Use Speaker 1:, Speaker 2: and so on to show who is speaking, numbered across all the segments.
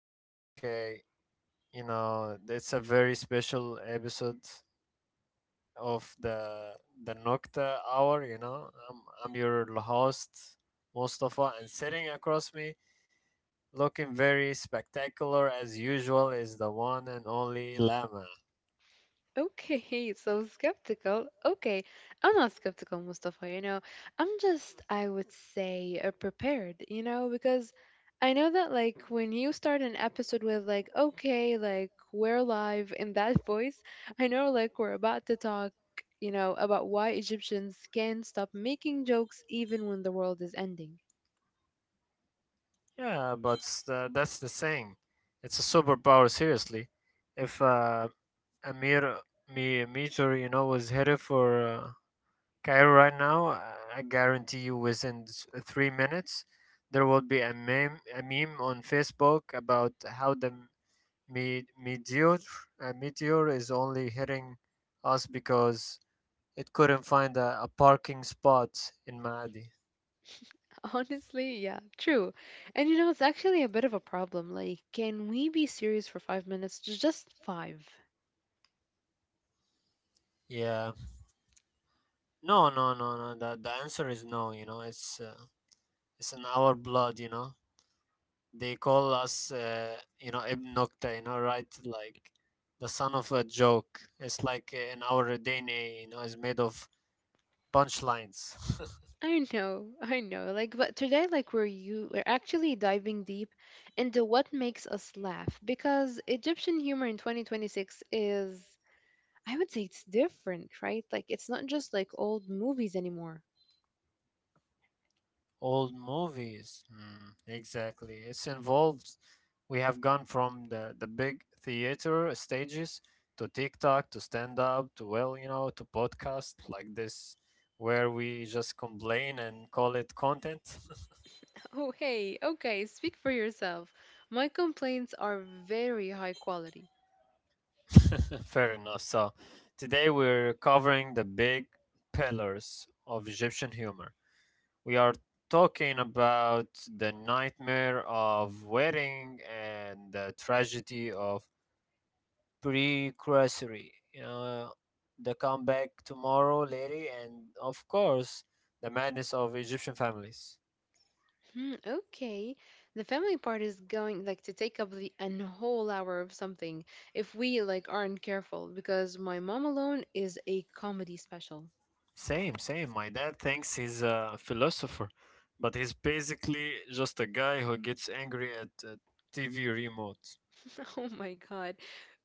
Speaker 1: Okay, okay. You know, it's a very special episode of the Nocta Hour. I'm your host Mustafa, and sitting across me, looking very spectacular as usual, is the one and only Lama.
Speaker 2: Okay, so skeptical. Okay, I'm not skeptical, Mustafa. You know, I'm just, I would say, prepared, you know, because I know that, when you start an episode with, okay, we're live in that voice, I know, we're about to talk, you know, about why Egyptians can't stop making jokes even when the world is ending.
Speaker 1: Yeah, but that's the thing. It's a superpower, seriously. If Amir me Meteor, you know, was headed for Cairo right now, I guarantee you within 3 minutes, there will be a meme on Facebook about how the me- meteor, meteor is only hitting us because it couldn't find a parking spot in Maadi.
Speaker 2: Honestly, yeah, true. And you know, it's actually a bit of a problem. Like, can we be serious for 5 minutes? J- Just five.
Speaker 1: Yeah. No. The answer is no, you know. It's in our blood, you know. They call us, you know, Ibn Nukta, you know, right? Like the son of a joke. It's like in our DNA, you know, is made of punchlines.
Speaker 2: I know. Like, but today, we're actually diving deep into what makes us laugh because Egyptian humor in 2026 is, I would say, it's different, right? Like, it's not just like old movies anymore.
Speaker 1: Old movies. Mm, exactly. It's involved. We have gone from the big theater stages to TikTok, to stand up, to, well, you know, to podcast like this, where we just complain and call it content.
Speaker 2: Oh, hey, okay, speak for yourself. My complaints are very high quality.
Speaker 1: Fair enough. So, today we're covering the big pillars of Egyptian humor. We are talking about the nightmare of wedding and the tragedy of precursory, you know, the comeback tomorrow, lady, and of course, the madness of Egyptian families.
Speaker 2: Hmm, okay, the family part is going like to take up the an whole hour of something if we like aren't careful because my mom alone is a comedy special.
Speaker 1: Same, same. My dad thinks he's a philosopher, but he's basically just a guy who gets angry at TV remote.
Speaker 2: Oh my God,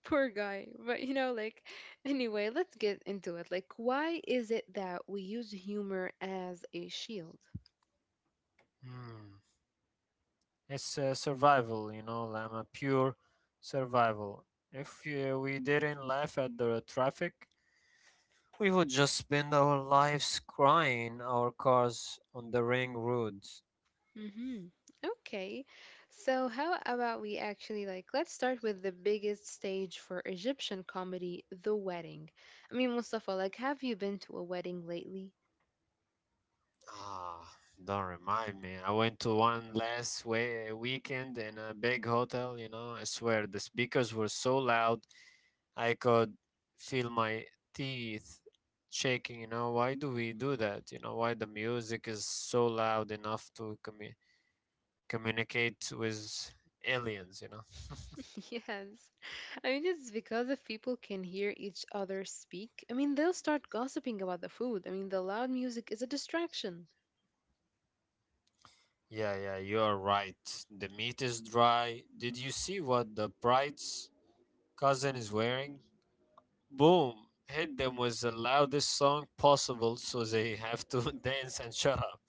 Speaker 2: poor guy. But you know, like, anyway, let's get into it. Like, why is it that we use humor as a shield?
Speaker 1: Hmm. It's survival, you know, Lama, pure survival. If we didn't laugh at the traffic, we would just spend our lives crying our cars on the ring roads.
Speaker 2: Mm-hmm. Okay. So, how about we actually, let's start with the biggest stage for Egyptian comedy, the wedding. I mean, Mustafa, like, have you been to a wedding lately?
Speaker 1: Ah, don't remind me. I went to one last weekend in a big hotel, you know, I swear the speakers were so loud I could feel my teeth shaking, you know, why do we do that? You know, why the music is so loud enough to communicate with aliens, you know?
Speaker 2: Yes. I mean, it's because if people can hear each other speak, I mean, they'll start gossiping about the food. I mean, the loud music is a distraction.
Speaker 1: Yeah, yeah, you are right. The meat is dry. Did you see what the bride's cousin is wearing? Boom! Hit them with the loudest song possible so they have to dance and shut up.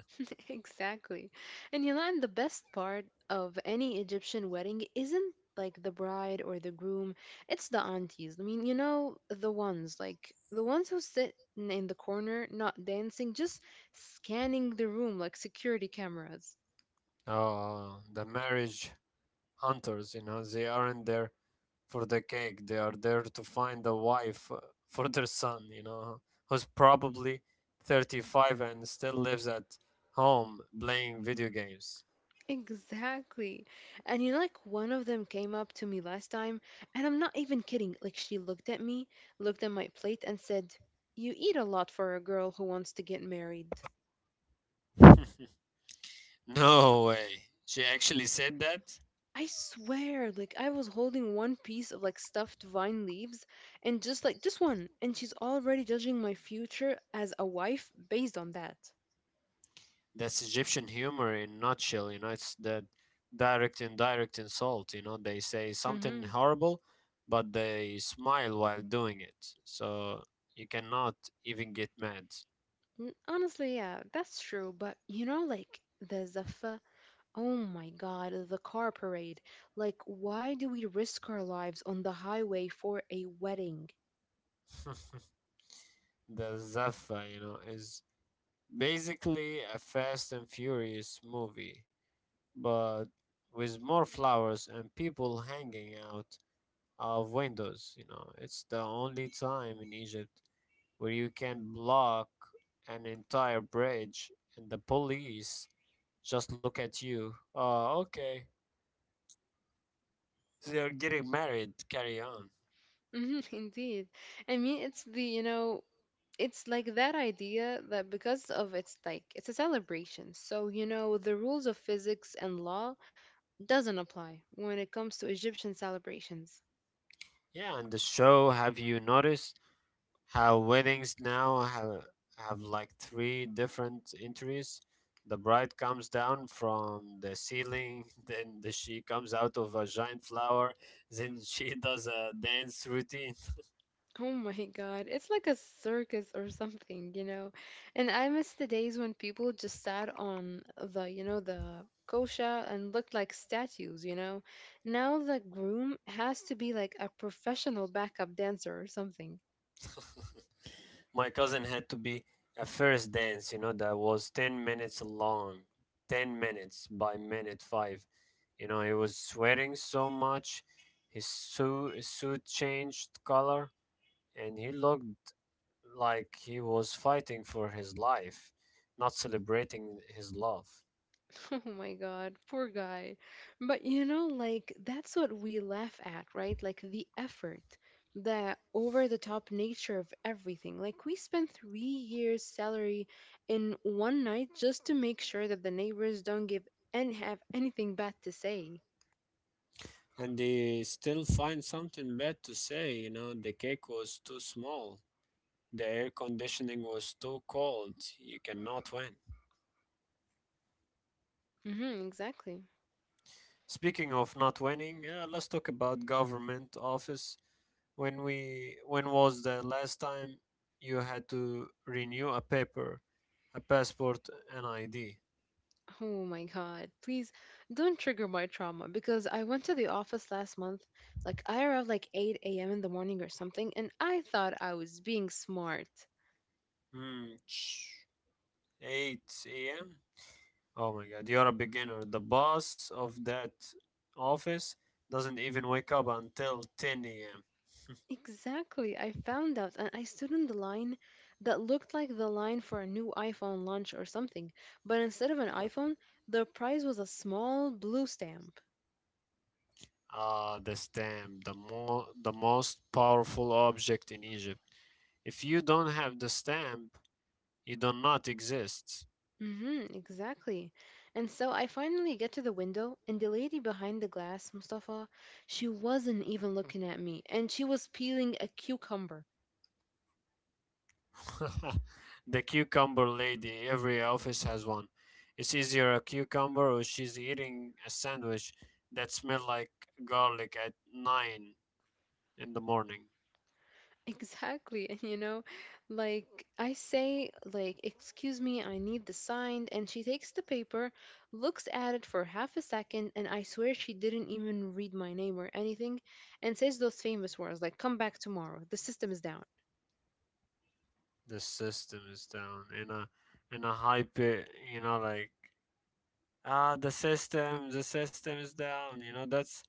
Speaker 2: Exactly. And you know, and the best part of any Egyptian wedding isn't like the bride or the groom, it's the aunties. I mean, you know, the ones who sit in the corner, not dancing, just scanning the room like security cameras.
Speaker 1: Oh, the marriage hunters, you know. They aren't there for the cake. They are there to find a wife for their son, you know, who's probably 35 and still lives at home playing video games.
Speaker 2: Exactly. And you know, like one of them came up to me last time, and I'm not even kidding. Like she looked at me, looked at my plate, and said, "You eat a lot for a girl who wants to get married."
Speaker 1: No way. She actually said that?
Speaker 2: I swear, like I was holding one piece of like stuffed vine leaves and just like just one, and she's already judging my future as a wife based on that.
Speaker 1: That's Egyptian humor in nutshell, you know, it's that direct indirect insult, you know, they say
Speaker 2: Mm-hmm.
Speaker 1: something horrible, but they smile while doing it. So you cannot even get mad.
Speaker 2: Honestly, yeah, that's true. But you know, like the zaffa. Oh my God, the car parade. Like, why do we risk our lives on the highway for a wedding?
Speaker 1: The Zaffa, you know, is basically a Fast and Furious movie, but with more flowers and people hanging out of windows. You know, it's the only time in Egypt where you can block an entire bridge and the police just look at you. Oh, okay. They're getting married. Carry on.
Speaker 2: Hmm indeed. I mean, it's the, you know, it's like that idea that because of it's like it's a celebration. So, you know, the rules of physics and law doesn't apply when it comes to Egyptian celebrations.
Speaker 1: Yeah, and the show, have you noticed? How weddings have like three different entries. The bride comes down from the ceiling, then she comes out of a giant flower, then she does a dance routine.
Speaker 2: Oh my God, it's like a circus or something, you know? And I miss the days when people just sat on the, you know, the kosha and looked like statues, you know? Now the groom has to be like a professional backup dancer or something.
Speaker 1: My cousin had to be a first dance, you know, that was 10 minutes long, 10 minutes by minute five. You know, he was sweating so much. His suit changed color and he looked like he was fighting for his life, not celebrating his love.
Speaker 2: Oh my God, poor guy. But you know, like, that's what we laugh at, right? Like, the effort, the over the top nature of everything. Like, we spent 3 years' salary in one night just to make sure that the neighbors don't give and have anything bad to say.
Speaker 1: And they still find something bad to say, you know, the cake was too small, the air conditioning was too cold, you cannot win.
Speaker 2: Mm-hmm, exactly.
Speaker 1: Speaking of not winning, yeah, let's talk about government office. When was the last time you had to renew a paper, a passport, an ID?
Speaker 2: Oh my God, please don't trigger my trauma because I went to the office last month. Like, I arrived like 8 a.m. in the morning or something, and I thought I was being smart.
Speaker 1: Hmm, ch- 8 a.m. Oh my God, you're a beginner. The boss of that office doesn't even wake up until 10 a.m.
Speaker 2: Exactly. I found out and I stood in the line that looked like the line for a new iPhone launch or something. But instead of an iPhone, the prize was a small blue stamp.
Speaker 1: Ah, the stamp, the most powerful object in Egypt. If you don't have the stamp, you do not exist.
Speaker 2: Mm-hmm, exactly. And so I finally get to the window, and the lady behind the glass, Mustafa, she wasn't even looking at me, and she was peeling a cucumber.
Speaker 1: The cucumber lady, every office has one. It's either a cucumber or she's eating a sandwich that smells like garlic at 9 in the morning.
Speaker 2: Exactly. And you know, like I say, like, "Excuse me, I need the signed." And she takes the paper, looks at it for half a second, and I swear she didn't even read my name or anything, and says those famous words like, "Come back tomorrow. The system is down."
Speaker 1: The system is down and I hype it, you know, like ah the system is down. You know, that's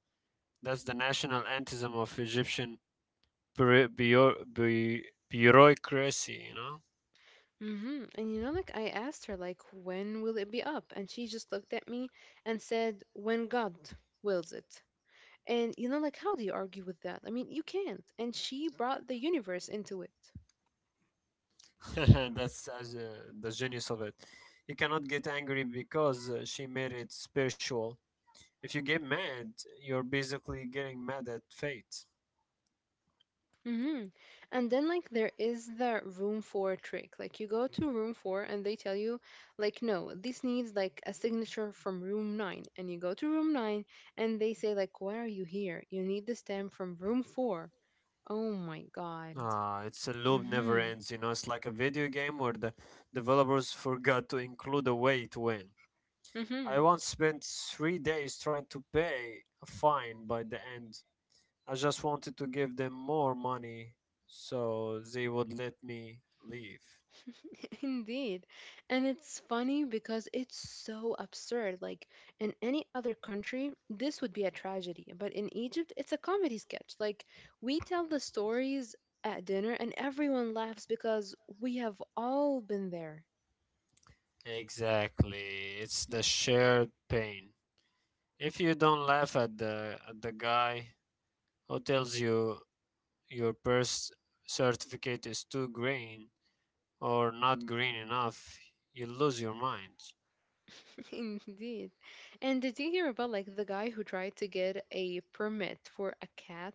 Speaker 1: that's the national anthem of Egyptian bureau- bureau- bu- bureaucracy. You know,
Speaker 2: Mm-hmm. And you know, like I asked her, like, when will it be up? And she just looked at me and said, "When God wills it." And you know, like, how do you argue with that? I mean, you can't. And she brought the universe into it.
Speaker 1: that's as the genius of it. You cannot get angry because she made it spiritual. If you get mad, you're basically getting mad at fate.
Speaker 2: Hmm And then like there is the room four trick. Like you go to room four and they tell you like no, this needs like a signature from room nine. And you go to room nine and they say like why are you here? You need the stamp from room four. Oh my God.
Speaker 1: Ah, it's a loop never
Speaker 2: Mm-hmm.
Speaker 1: ends, you know. It's like a video game where the developers forgot to include a way to win. I
Speaker 2: Mm-hmm.
Speaker 1: once spent 3 days trying to pay a fine by the end. I just wanted to give them more money so they would let me leave.
Speaker 2: Indeed. And it's funny because it's so absurd. Like in any other country, this would be a tragedy. But in Egypt, it's a comedy sketch. Like we tell the stories at dinner and everyone laughs because we have all been there.
Speaker 1: Exactly. It's the shared pain. If you don't laugh at the guy who tells you your birth certificate is too green, or not green enough, you lose your mind.
Speaker 2: Indeed. And did you hear about like the guy who tried to get a permit for a cat?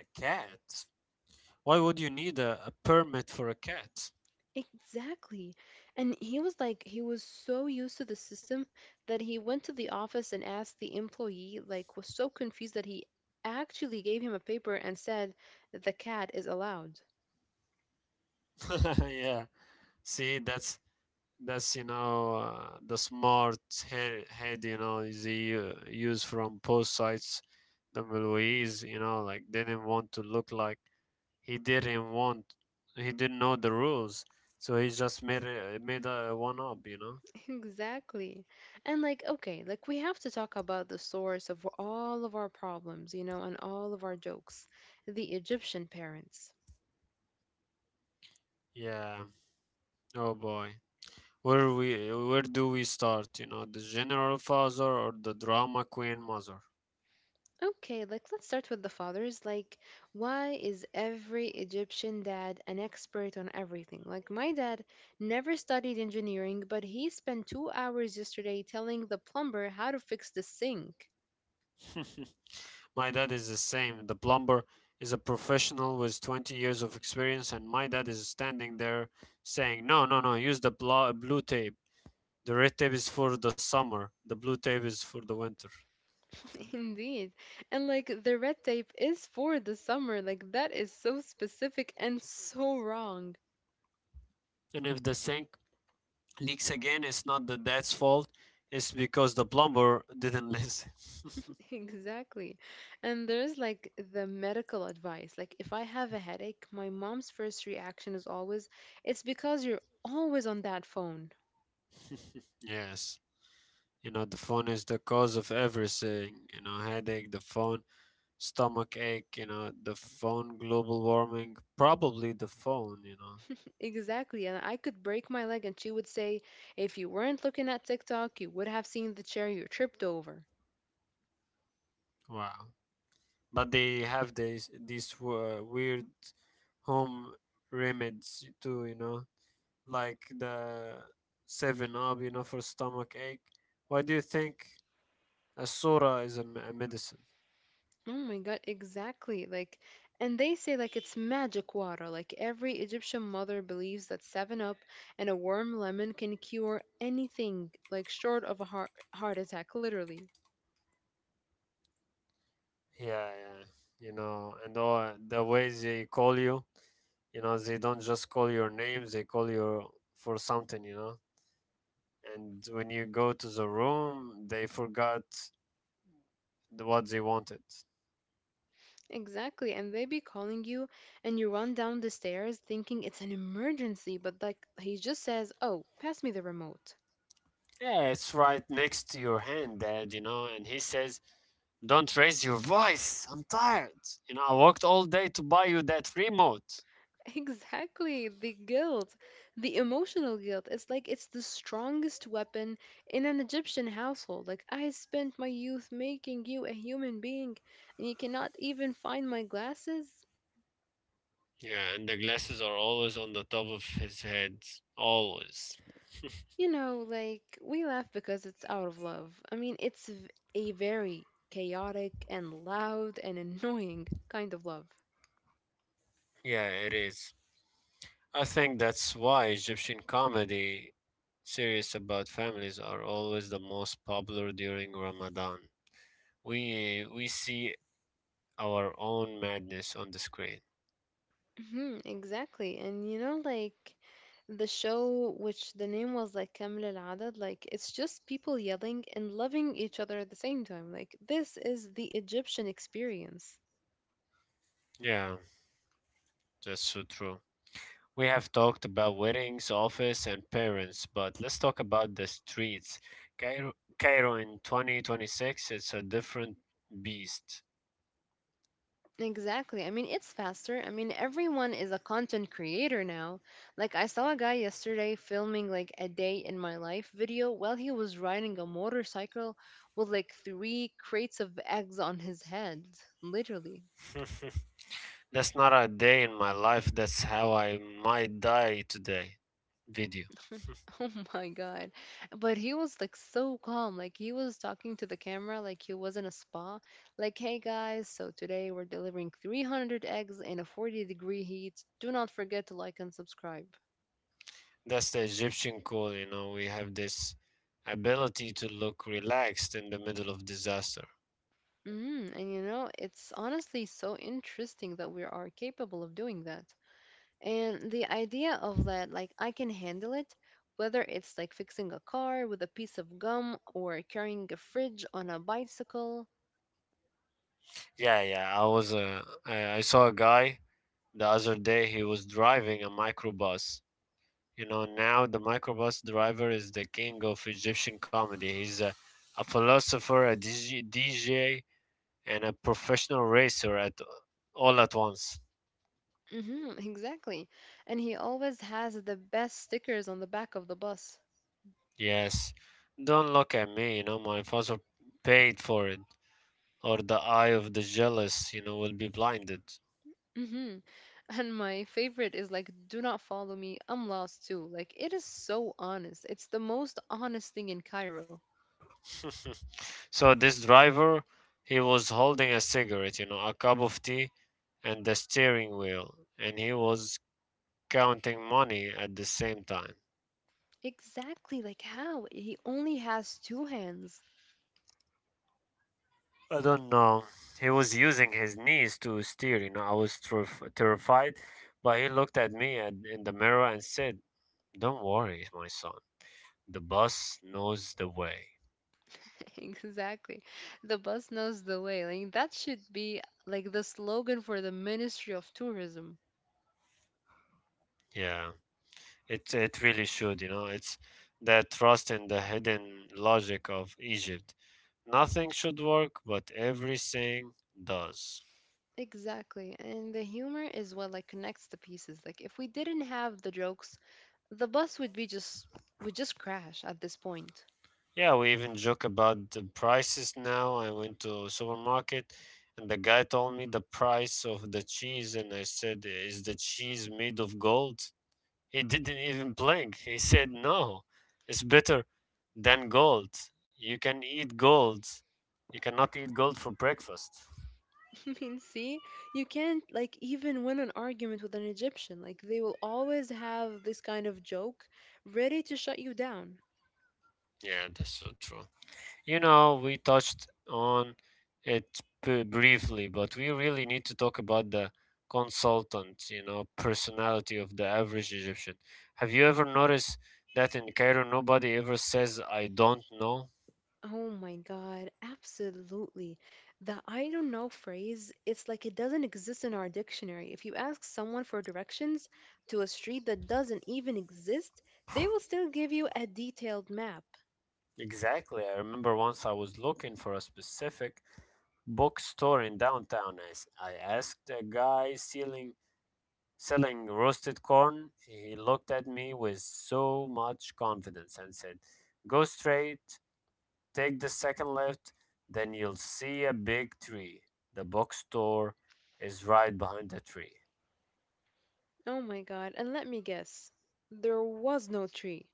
Speaker 1: A cat? Why would you need a permit for a cat?
Speaker 2: Exactly. And he was like, he was so used to the system that he went to the office and asked the employee, like, was so confused that he actually gave him a paper and said, "The cat is allowed."
Speaker 1: Yeah. See, that's you know the smart head you know is the use from both sides. The Louise, you know, like didn't want to look like he didn't want. He didn't know the rules, so he just made a one up, you know.
Speaker 2: Exactly. And, like, okay, like, we have to talk about the source of all of our problems, you know, and all of our jokes, the Egyptian parents.
Speaker 1: Yeah. Oh boy. Where do we start? You know, the general father or the drama queen mother?
Speaker 2: Okay, like let's start with the fathers. Like, why is every Egyptian dad an expert on everything? Like, my dad never studied engineering, but he spent 2 hours yesterday telling the plumber how to fix the sink.
Speaker 1: My dad is the same. The plumber is a professional with 20 years of experience, and my dad is standing there saying, "No, no, no, use the blue tape. The red tape is for the summer. The blue tape is for the winter."
Speaker 2: Indeed. And like, the red tape is for the summer. Like, that is so specific and so wrong.
Speaker 1: And if the sink leaks again, it's not the dad's fault. It's because the plumber didn't listen.
Speaker 2: Exactly. And there's like the medical advice. Like, if I have a headache, my mom's first reaction is always, "It's because you're always on that phone."
Speaker 1: Yes. You know, the phone is the cause of everything. You know, headache, the phone, stomach ache, you know, the phone, global warming, probably the phone, you know.
Speaker 2: Exactly. And I could break my leg, and she would say, "If you weren't looking at TikTok, you would have seen the chair you tripped over."
Speaker 1: Wow. But they have these weird home remedies too, you know, like the 7 up, you know, for stomach ache. Why do you think a surah is a medicine?
Speaker 2: Oh my God, exactly. Like, and they say like it's magic water. Like every Egyptian mother believes that 7 Up and a warm lemon can cure anything, like short of a heart attack, literally.
Speaker 1: Yeah, yeah. You know, and all the ways they call you. You know, they don't just call your name, they call you for something, you know. And when you go to the room, they forgot what they wanted.
Speaker 2: Exactly, and they be calling you, and you run down the stairs thinking it's an emergency, but like he just says, "Oh, pass me the remote."
Speaker 1: Yeah, it's right next to your hand, Dad, you know. And he says, "Don't raise your voice. I'm tired. You know, I worked all day to buy you that remote."
Speaker 2: Exactly, the guilt, the emotional guilt. It's like it's the strongest weapon in an Egyptian household. Like, "I spent my youth making you a human being, and you cannot even find my glasses."
Speaker 1: Yeah, and the glasses are always on the top of his head. Always.
Speaker 2: You know, like, we laugh because it's out of love. I mean, it's a very chaotic and loud and annoying kind of love.
Speaker 1: Yeah, it is. I think that's why Egyptian comedy series about families are always the most popular during Ramadan. We see our own madness on the screen.
Speaker 2: Mhm, exactly. And you know, like the show, which the name was like كامل العدد, like it's just people yelling and loving each other at the same time. Like this is the Egyptian experience.
Speaker 1: Yeah, that's so true. We have talked about weddings, office, and parents, but let's talk about the streets. Cairo, Cairo in 2026. It's a different beast.
Speaker 2: Exactly. I mean, it's faster. I mean, everyone is a content creator now. Like I saw a guy yesterday filming like a day in my life video while he was riding a motorcycle with like three crates of eggs on his head, literally.
Speaker 1: That's not a day in my life. That's how I might die today. Video.
Speaker 2: Oh my God. But he was like so calm. Like he was talking to the camera like he was in a spa. Like, "Hey guys, so today we're delivering 300 eggs in a 40-degree heat. Do not forget to like and subscribe."
Speaker 1: That's the Egyptian cool, you know, we have this ability to look relaxed in the middle of disaster.
Speaker 2: Mm, and you know, it's honestly so interesting that we are capable of doing that. And the idea of that, like, "I can handle it," whether it's like fixing a car with a piece of gum or carrying a fridge on a bicycle.
Speaker 1: Yeah, yeah, I was I saw a guy the other day, he was driving a microbus. You know, now the microbus driver is the king of Egyptian comedy. He's a philosopher, a DJ, and a professional racer at all at once.
Speaker 2: Mm-hmm, exactly. And he always has the best stickers on the back of the bus.
Speaker 1: Yes. Don't look at me, you know, my father paid for it, or the eye of the jealous, you know, will be blinded.
Speaker 2: Mm-hmm. And my favorite is like, "Do not follow me. I'm lost too." Like, it is so honest. It's the most honest thing in Cairo.
Speaker 1: So this driver, he was holding a cigarette, you know, a cup of tea, and the steering wheel, and he was counting money at the same time.
Speaker 2: Exactly. Like, how? He only has two hands.
Speaker 1: I don't know. He was using his knees to steer, you know. I was terrified, but he looked at me in the mirror and said, "Don't worry, my son. The bus knows the way."
Speaker 2: Exactly. The bus knows the way. Like, that should be like the slogan for the Ministry of Tourism.
Speaker 1: Yeah. It really should, you know. It's that trust in the hidden logic of Egypt. Nothing should work, but everything does.
Speaker 2: Exactly. And the humor is what like connects the pieces. Like if we didn't have the jokes, the bus would be just would just crash at this point.
Speaker 1: Yeah, we even joke about the prices now. I went to supermarket and the guy told me the price of the cheese and I said, "Is the cheese made of gold?" He didn't even blink. He said, "No. It's better than gold. You can eat gold. You cannot eat gold for breakfast."
Speaker 2: I mean, see, you can't like even win an argument with an Egyptian. Like they will always have this kind of joke ready to shut you down.
Speaker 1: Yeah, that's so true. You know, we touched on it briefly, but we really need to talk about the consultant, you know, personality of the average Egyptian. Have you ever noticed that in Cairo nobody ever says, "I don't know"?
Speaker 2: Oh my God, absolutely. The I don't know phrase, it's like it doesn't exist in our dictionary. If you ask someone for directions to a street that doesn't even exist, they will still give you a detailed map.
Speaker 1: Exactly. I remember once I was looking for a specific bookstore in downtown. I asked a guy selling roasted corn. He looked at me with so much confidence and said, "Go straight. Take the second left, then you'll see a big tree. The bookstore is right behind the tree."
Speaker 2: Oh my God, and let me guess, there was no tree.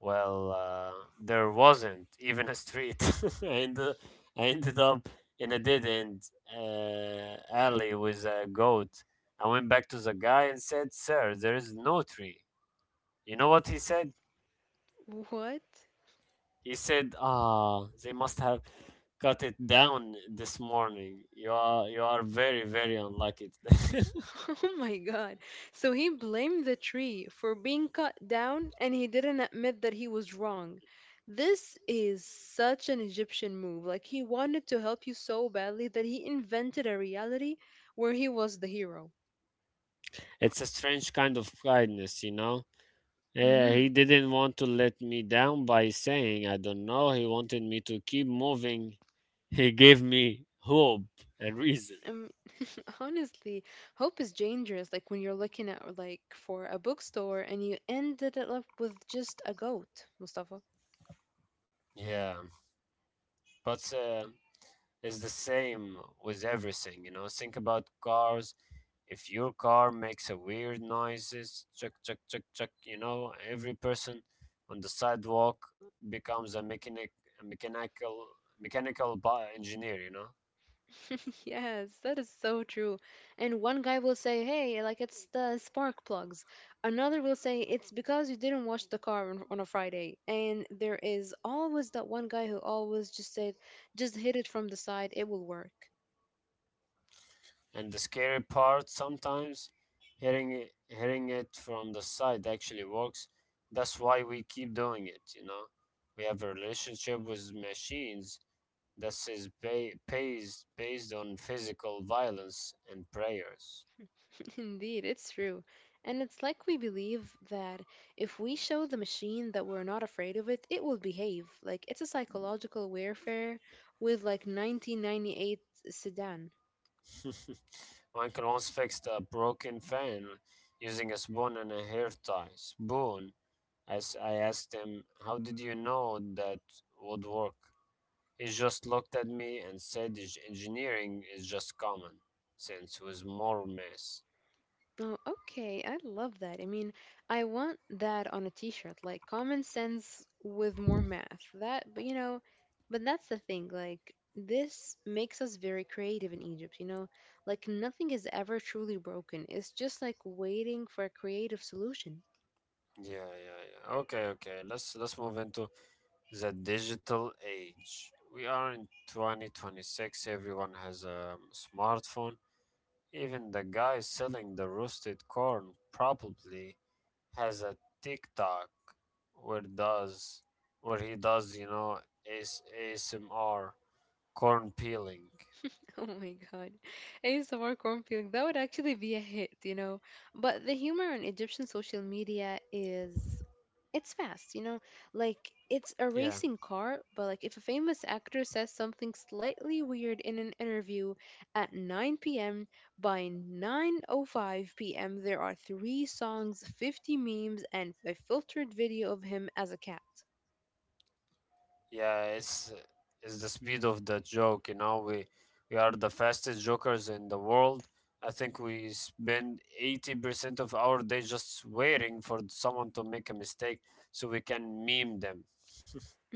Speaker 1: Well, there wasn't even a street. I, ended, I ended up in a dead end alley with a goat. I went back to the guy and said, "Sir, there is no tree. You know what he said?
Speaker 2: What?
Speaker 1: He said, "Ah, they must have cut it down this morning. You are very, very unlucky. Today."
Speaker 2: Oh my God. So he blamed the tree for being cut down and he didn't admit that he was wrong. This is such an Egyptian move. Like he wanted to help you so badly that he invented a reality where he was the hero.
Speaker 1: It's a strange kind of kindness, Yeah, he
Speaker 2: Mhm.
Speaker 1: didn't want to let me down by saying, "I don't know." He wanted me to keep moving. He gave me hope, a reason.
Speaker 2: Um, honestly, hope is dangerous. Like when you're looking at like for a bookstore and you ended it up with just a goat, Mustafa.
Speaker 1: Yeah, but it's the same with everything, Think about cars. If your car makes a weird noises, chuck, chuck, chuck, chuck, every person on the sidewalk becomes a mechanic, a mechanical, mechanical engineer,
Speaker 2: Yes, that is so true. And one guy will say, "Hey, like it's the spark plugs." Another will say, "It's because you didn't wash the car on a Friday." And there is always that one guy who always just said, "Just hit it from the side, it will work."
Speaker 1: And the scary part, sometimes hearing it from the side actually works. That's why we keep doing it. We have a relationship with machines that is based on physical violence and prayers.
Speaker 2: Indeed, it's true. And it's like we believe that if we show the machine that we're not afraid of it, it will behave. Like it's a psychological warfare with like 1998 sedan.
Speaker 1: One can once fix a broken fan using a spoon and a hair tie. Spoon. As I asked him, "How did you know that would work?" He just looked at me and said, Engineering is just common sense with more mess."
Speaker 2: Oh, okay. I love that. I mean, I want that on a t-shirt, like common sense with more math. That, but you know, but that's the thing. Like, this makes us very creative in Egypt, you know? Like, nothing is ever truly broken. It's just like waiting for a creative solution.
Speaker 1: Yeah, yeah, yeah. Okay, okay. Let's move into the digital age. We are in 2026. Everyone has a smartphone. Even the guy selling the roasted corn probably has a TikTok where does where he does, ASMR corn peeling.
Speaker 2: Oh my god. Any Samar cornfield, that would actually be a hit, you know. But the humor on Egyptian social media is it's fast, you know. Like it's a
Speaker 1: Yeah.
Speaker 2: racing car, but like if a famous actor says something slightly weird in an interview at 9 p.m., by 9:05 p.m. there are 3 songs, 50 memes and a filtered video of him as a cat.
Speaker 1: Yeah, it's the speed of the joke, We are the fastest jokers in the world. I think we spend 80% of our day just waiting for someone to make a mistake so we can meme them.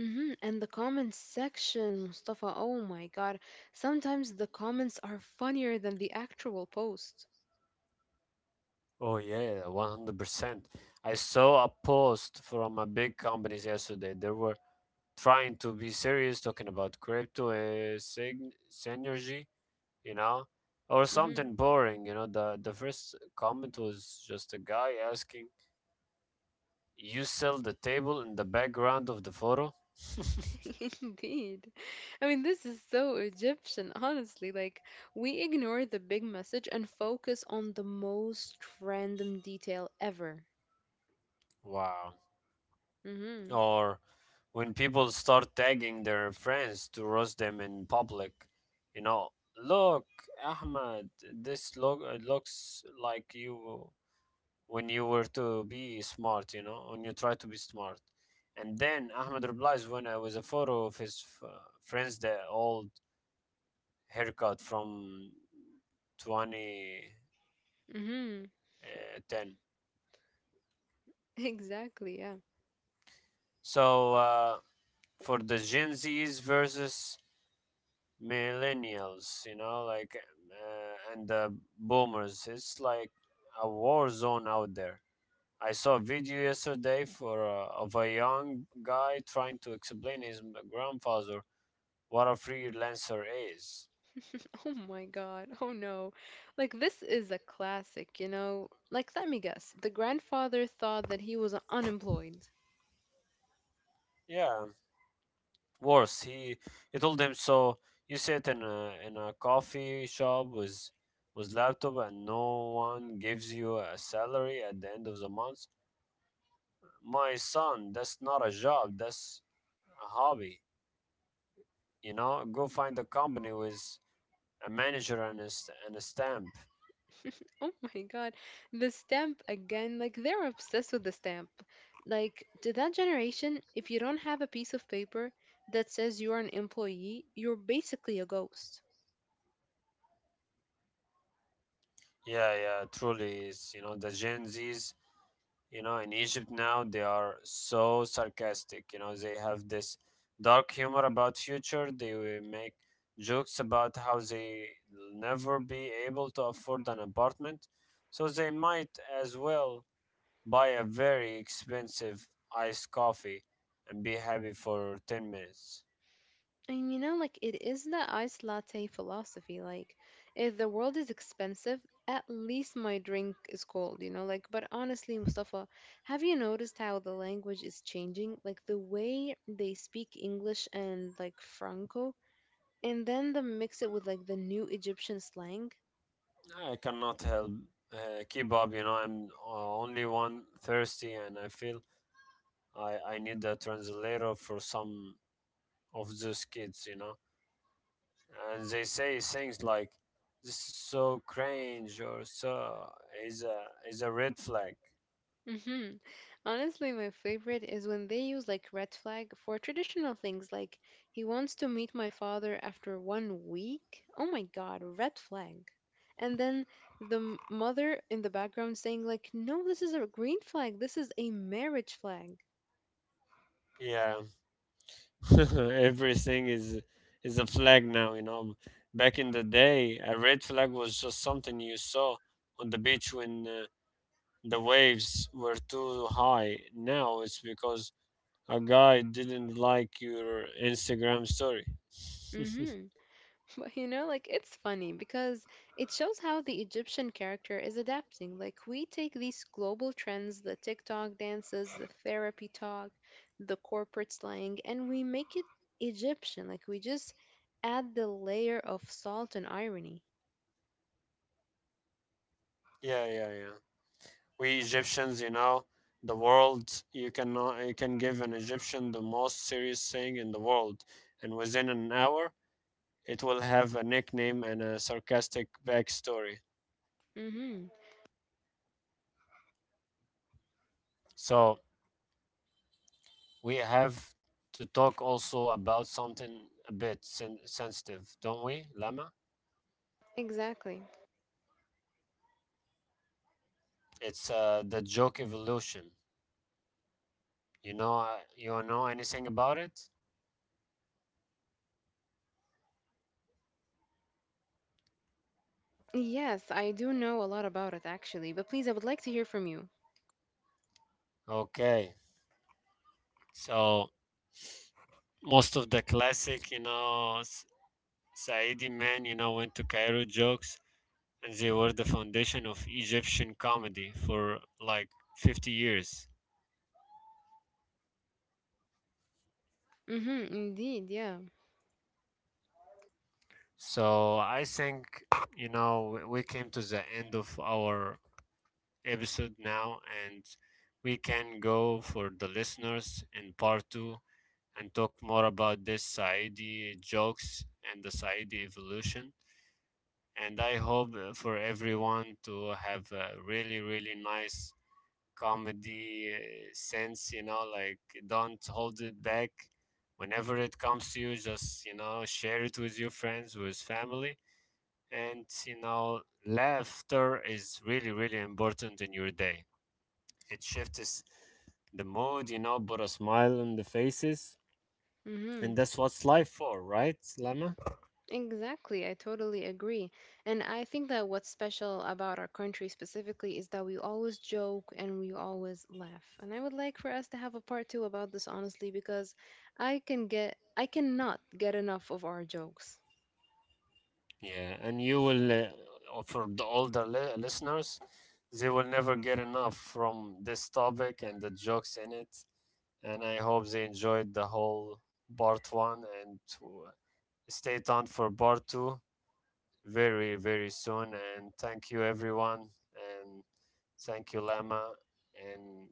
Speaker 2: Mm-hmm. And the comments section, Mustafa, oh my God. Sometimes the comments are funnier than the actual post.
Speaker 1: Oh yeah, 100%. I saw a post from a big companies yesterday. They were trying to be serious talking about crypto synergy, you know, or
Speaker 2: Mm-hmm.
Speaker 1: something boring, The first comment was just a guy asking, "You sell the table in the background of the photo?"
Speaker 2: Indeed. I mean, this is so Egyptian, honestly. Like, we ignore the big message and focus on the most random detail ever.
Speaker 1: Wow.
Speaker 2: Mm-hmm.
Speaker 1: Or when people start tagging their friends to roast them in public, you know, look, Ahmad, this look it looks like you when you were to be smart, when you try to be smart. And then Ahmad replies when I was a photo of his friends, the old haircut from 2010.
Speaker 2: Mm-hmm. Exactly, yeah.
Speaker 1: So, for the Gen Zs versus millennials, and the boomers. It's like a war zone out there. I saw a video yesterday for of a young guy trying to explain his grandfather what a freelancer is.
Speaker 2: Oh my God. Oh no. Like, this is a classic, you know? Like, let me guess. The grandfather thought that he was unemployed.
Speaker 1: Yeah, worse. He told him so. You sit in a coffee shop with laptop and no one gives you a salary at the end of the month. My son, that's not a job, that's a hobby. You know, go find a company with a manager and and a stamp.
Speaker 2: Oh my God. The stamp again. Like, they're obsessed with the stamp. Like, to that generation, if you don't have a piece of paper that says you're an employee, you're basically a ghost.
Speaker 1: Yeah, yeah, truly is. You know, the Gen Zs, in Egypt now, they are so sarcastic. You know, they have this dark humor about future. They will make jokes about how they will never be able to afford an apartment. So they might as well buy a very expensive iced coffee and be happy for 10 minutes.
Speaker 2: And you know, like it is the iced latte philosophy. Like, if the world is expensive, at least my drink is cold, you know? Like, but honestly, Mustafa, have you noticed how the language is changing? Like, the way they speak English and like Franco, and then the mix it with like the new Egyptian slang.
Speaker 1: I cannot help keep up, I'm only one thirsty, and I feel I need a translator for some of those kids, And they say things like, "This is so cringe," or is a is a red flag."
Speaker 2: Hmm. Honestly, my favorite is when they use like red flag for traditional things like he wants to meet my father after one week. Oh my god, red flag. And then the mother in the background saying like, "No, this is a green flag. This is a marriage flag."
Speaker 1: Yeah. Everything is a flag now, Back in the day, a red flag was just something you saw on the beach when the waves were too high. Now it's because a guy didn't like your Instagram story.
Speaker 2: Mhm. But you know, like it's funny because it shows how the Egyptian character is adapting. Like we take these global trends, the TikTok dances, the therapy talk, the corporate slang, and we make it Egyptian. Like we just add the layer of salt and irony.
Speaker 1: Yeah, yeah, yeah. We Egyptians, you know, the world you cannot you can give an Egyptian the most serious thing in the world, and within an hour it will have a nickname and a sarcastic backstory.
Speaker 2: Mm-hmm.
Speaker 1: So we have to talk also about something a bit sensitive, don't we, Lama?
Speaker 2: Exactly.
Speaker 1: It's the joke evolution. You know anything about it?
Speaker 2: Yes, I do know a lot about it actually, but please, I would like to hear from you.
Speaker 1: Okay. So most of the classic, Saidi men, went to Cairo jokes, and they were the foundation of Egyptian comedy for like 50 years.
Speaker 2: Mm-hmm, indeed, yeah.
Speaker 1: So I think, we came to the end of our episode now, and we can go for the listeners in part two and talk more about this Saidi jokes and the Saidi evolution. And I hope for everyone to have a really, really nice comedy sense, don't hold it back. Whenever it comes to you, just, share it with your friends, with family. And, laughter is really, really important in your day. It shifts the mood, put a smile on the faces.
Speaker 2: Mm-hmm.
Speaker 1: And that's what's life for, right, Lama?
Speaker 2: Exactly, I totally agree. And I think that what's special about our country specifically is that we always joke and we always laugh. And I would like for us to have a part two about this honestly because I cannot get enough of our jokes.
Speaker 1: Yeah, and you will, for the older listeners, they will never get enough from this topic and the jokes in it. And I hope they enjoyed the whole part one and to stay tuned for part two very, very soon. And thank you, everyone. And thank you, Lama. And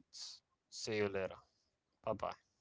Speaker 1: see you later. Bye bye.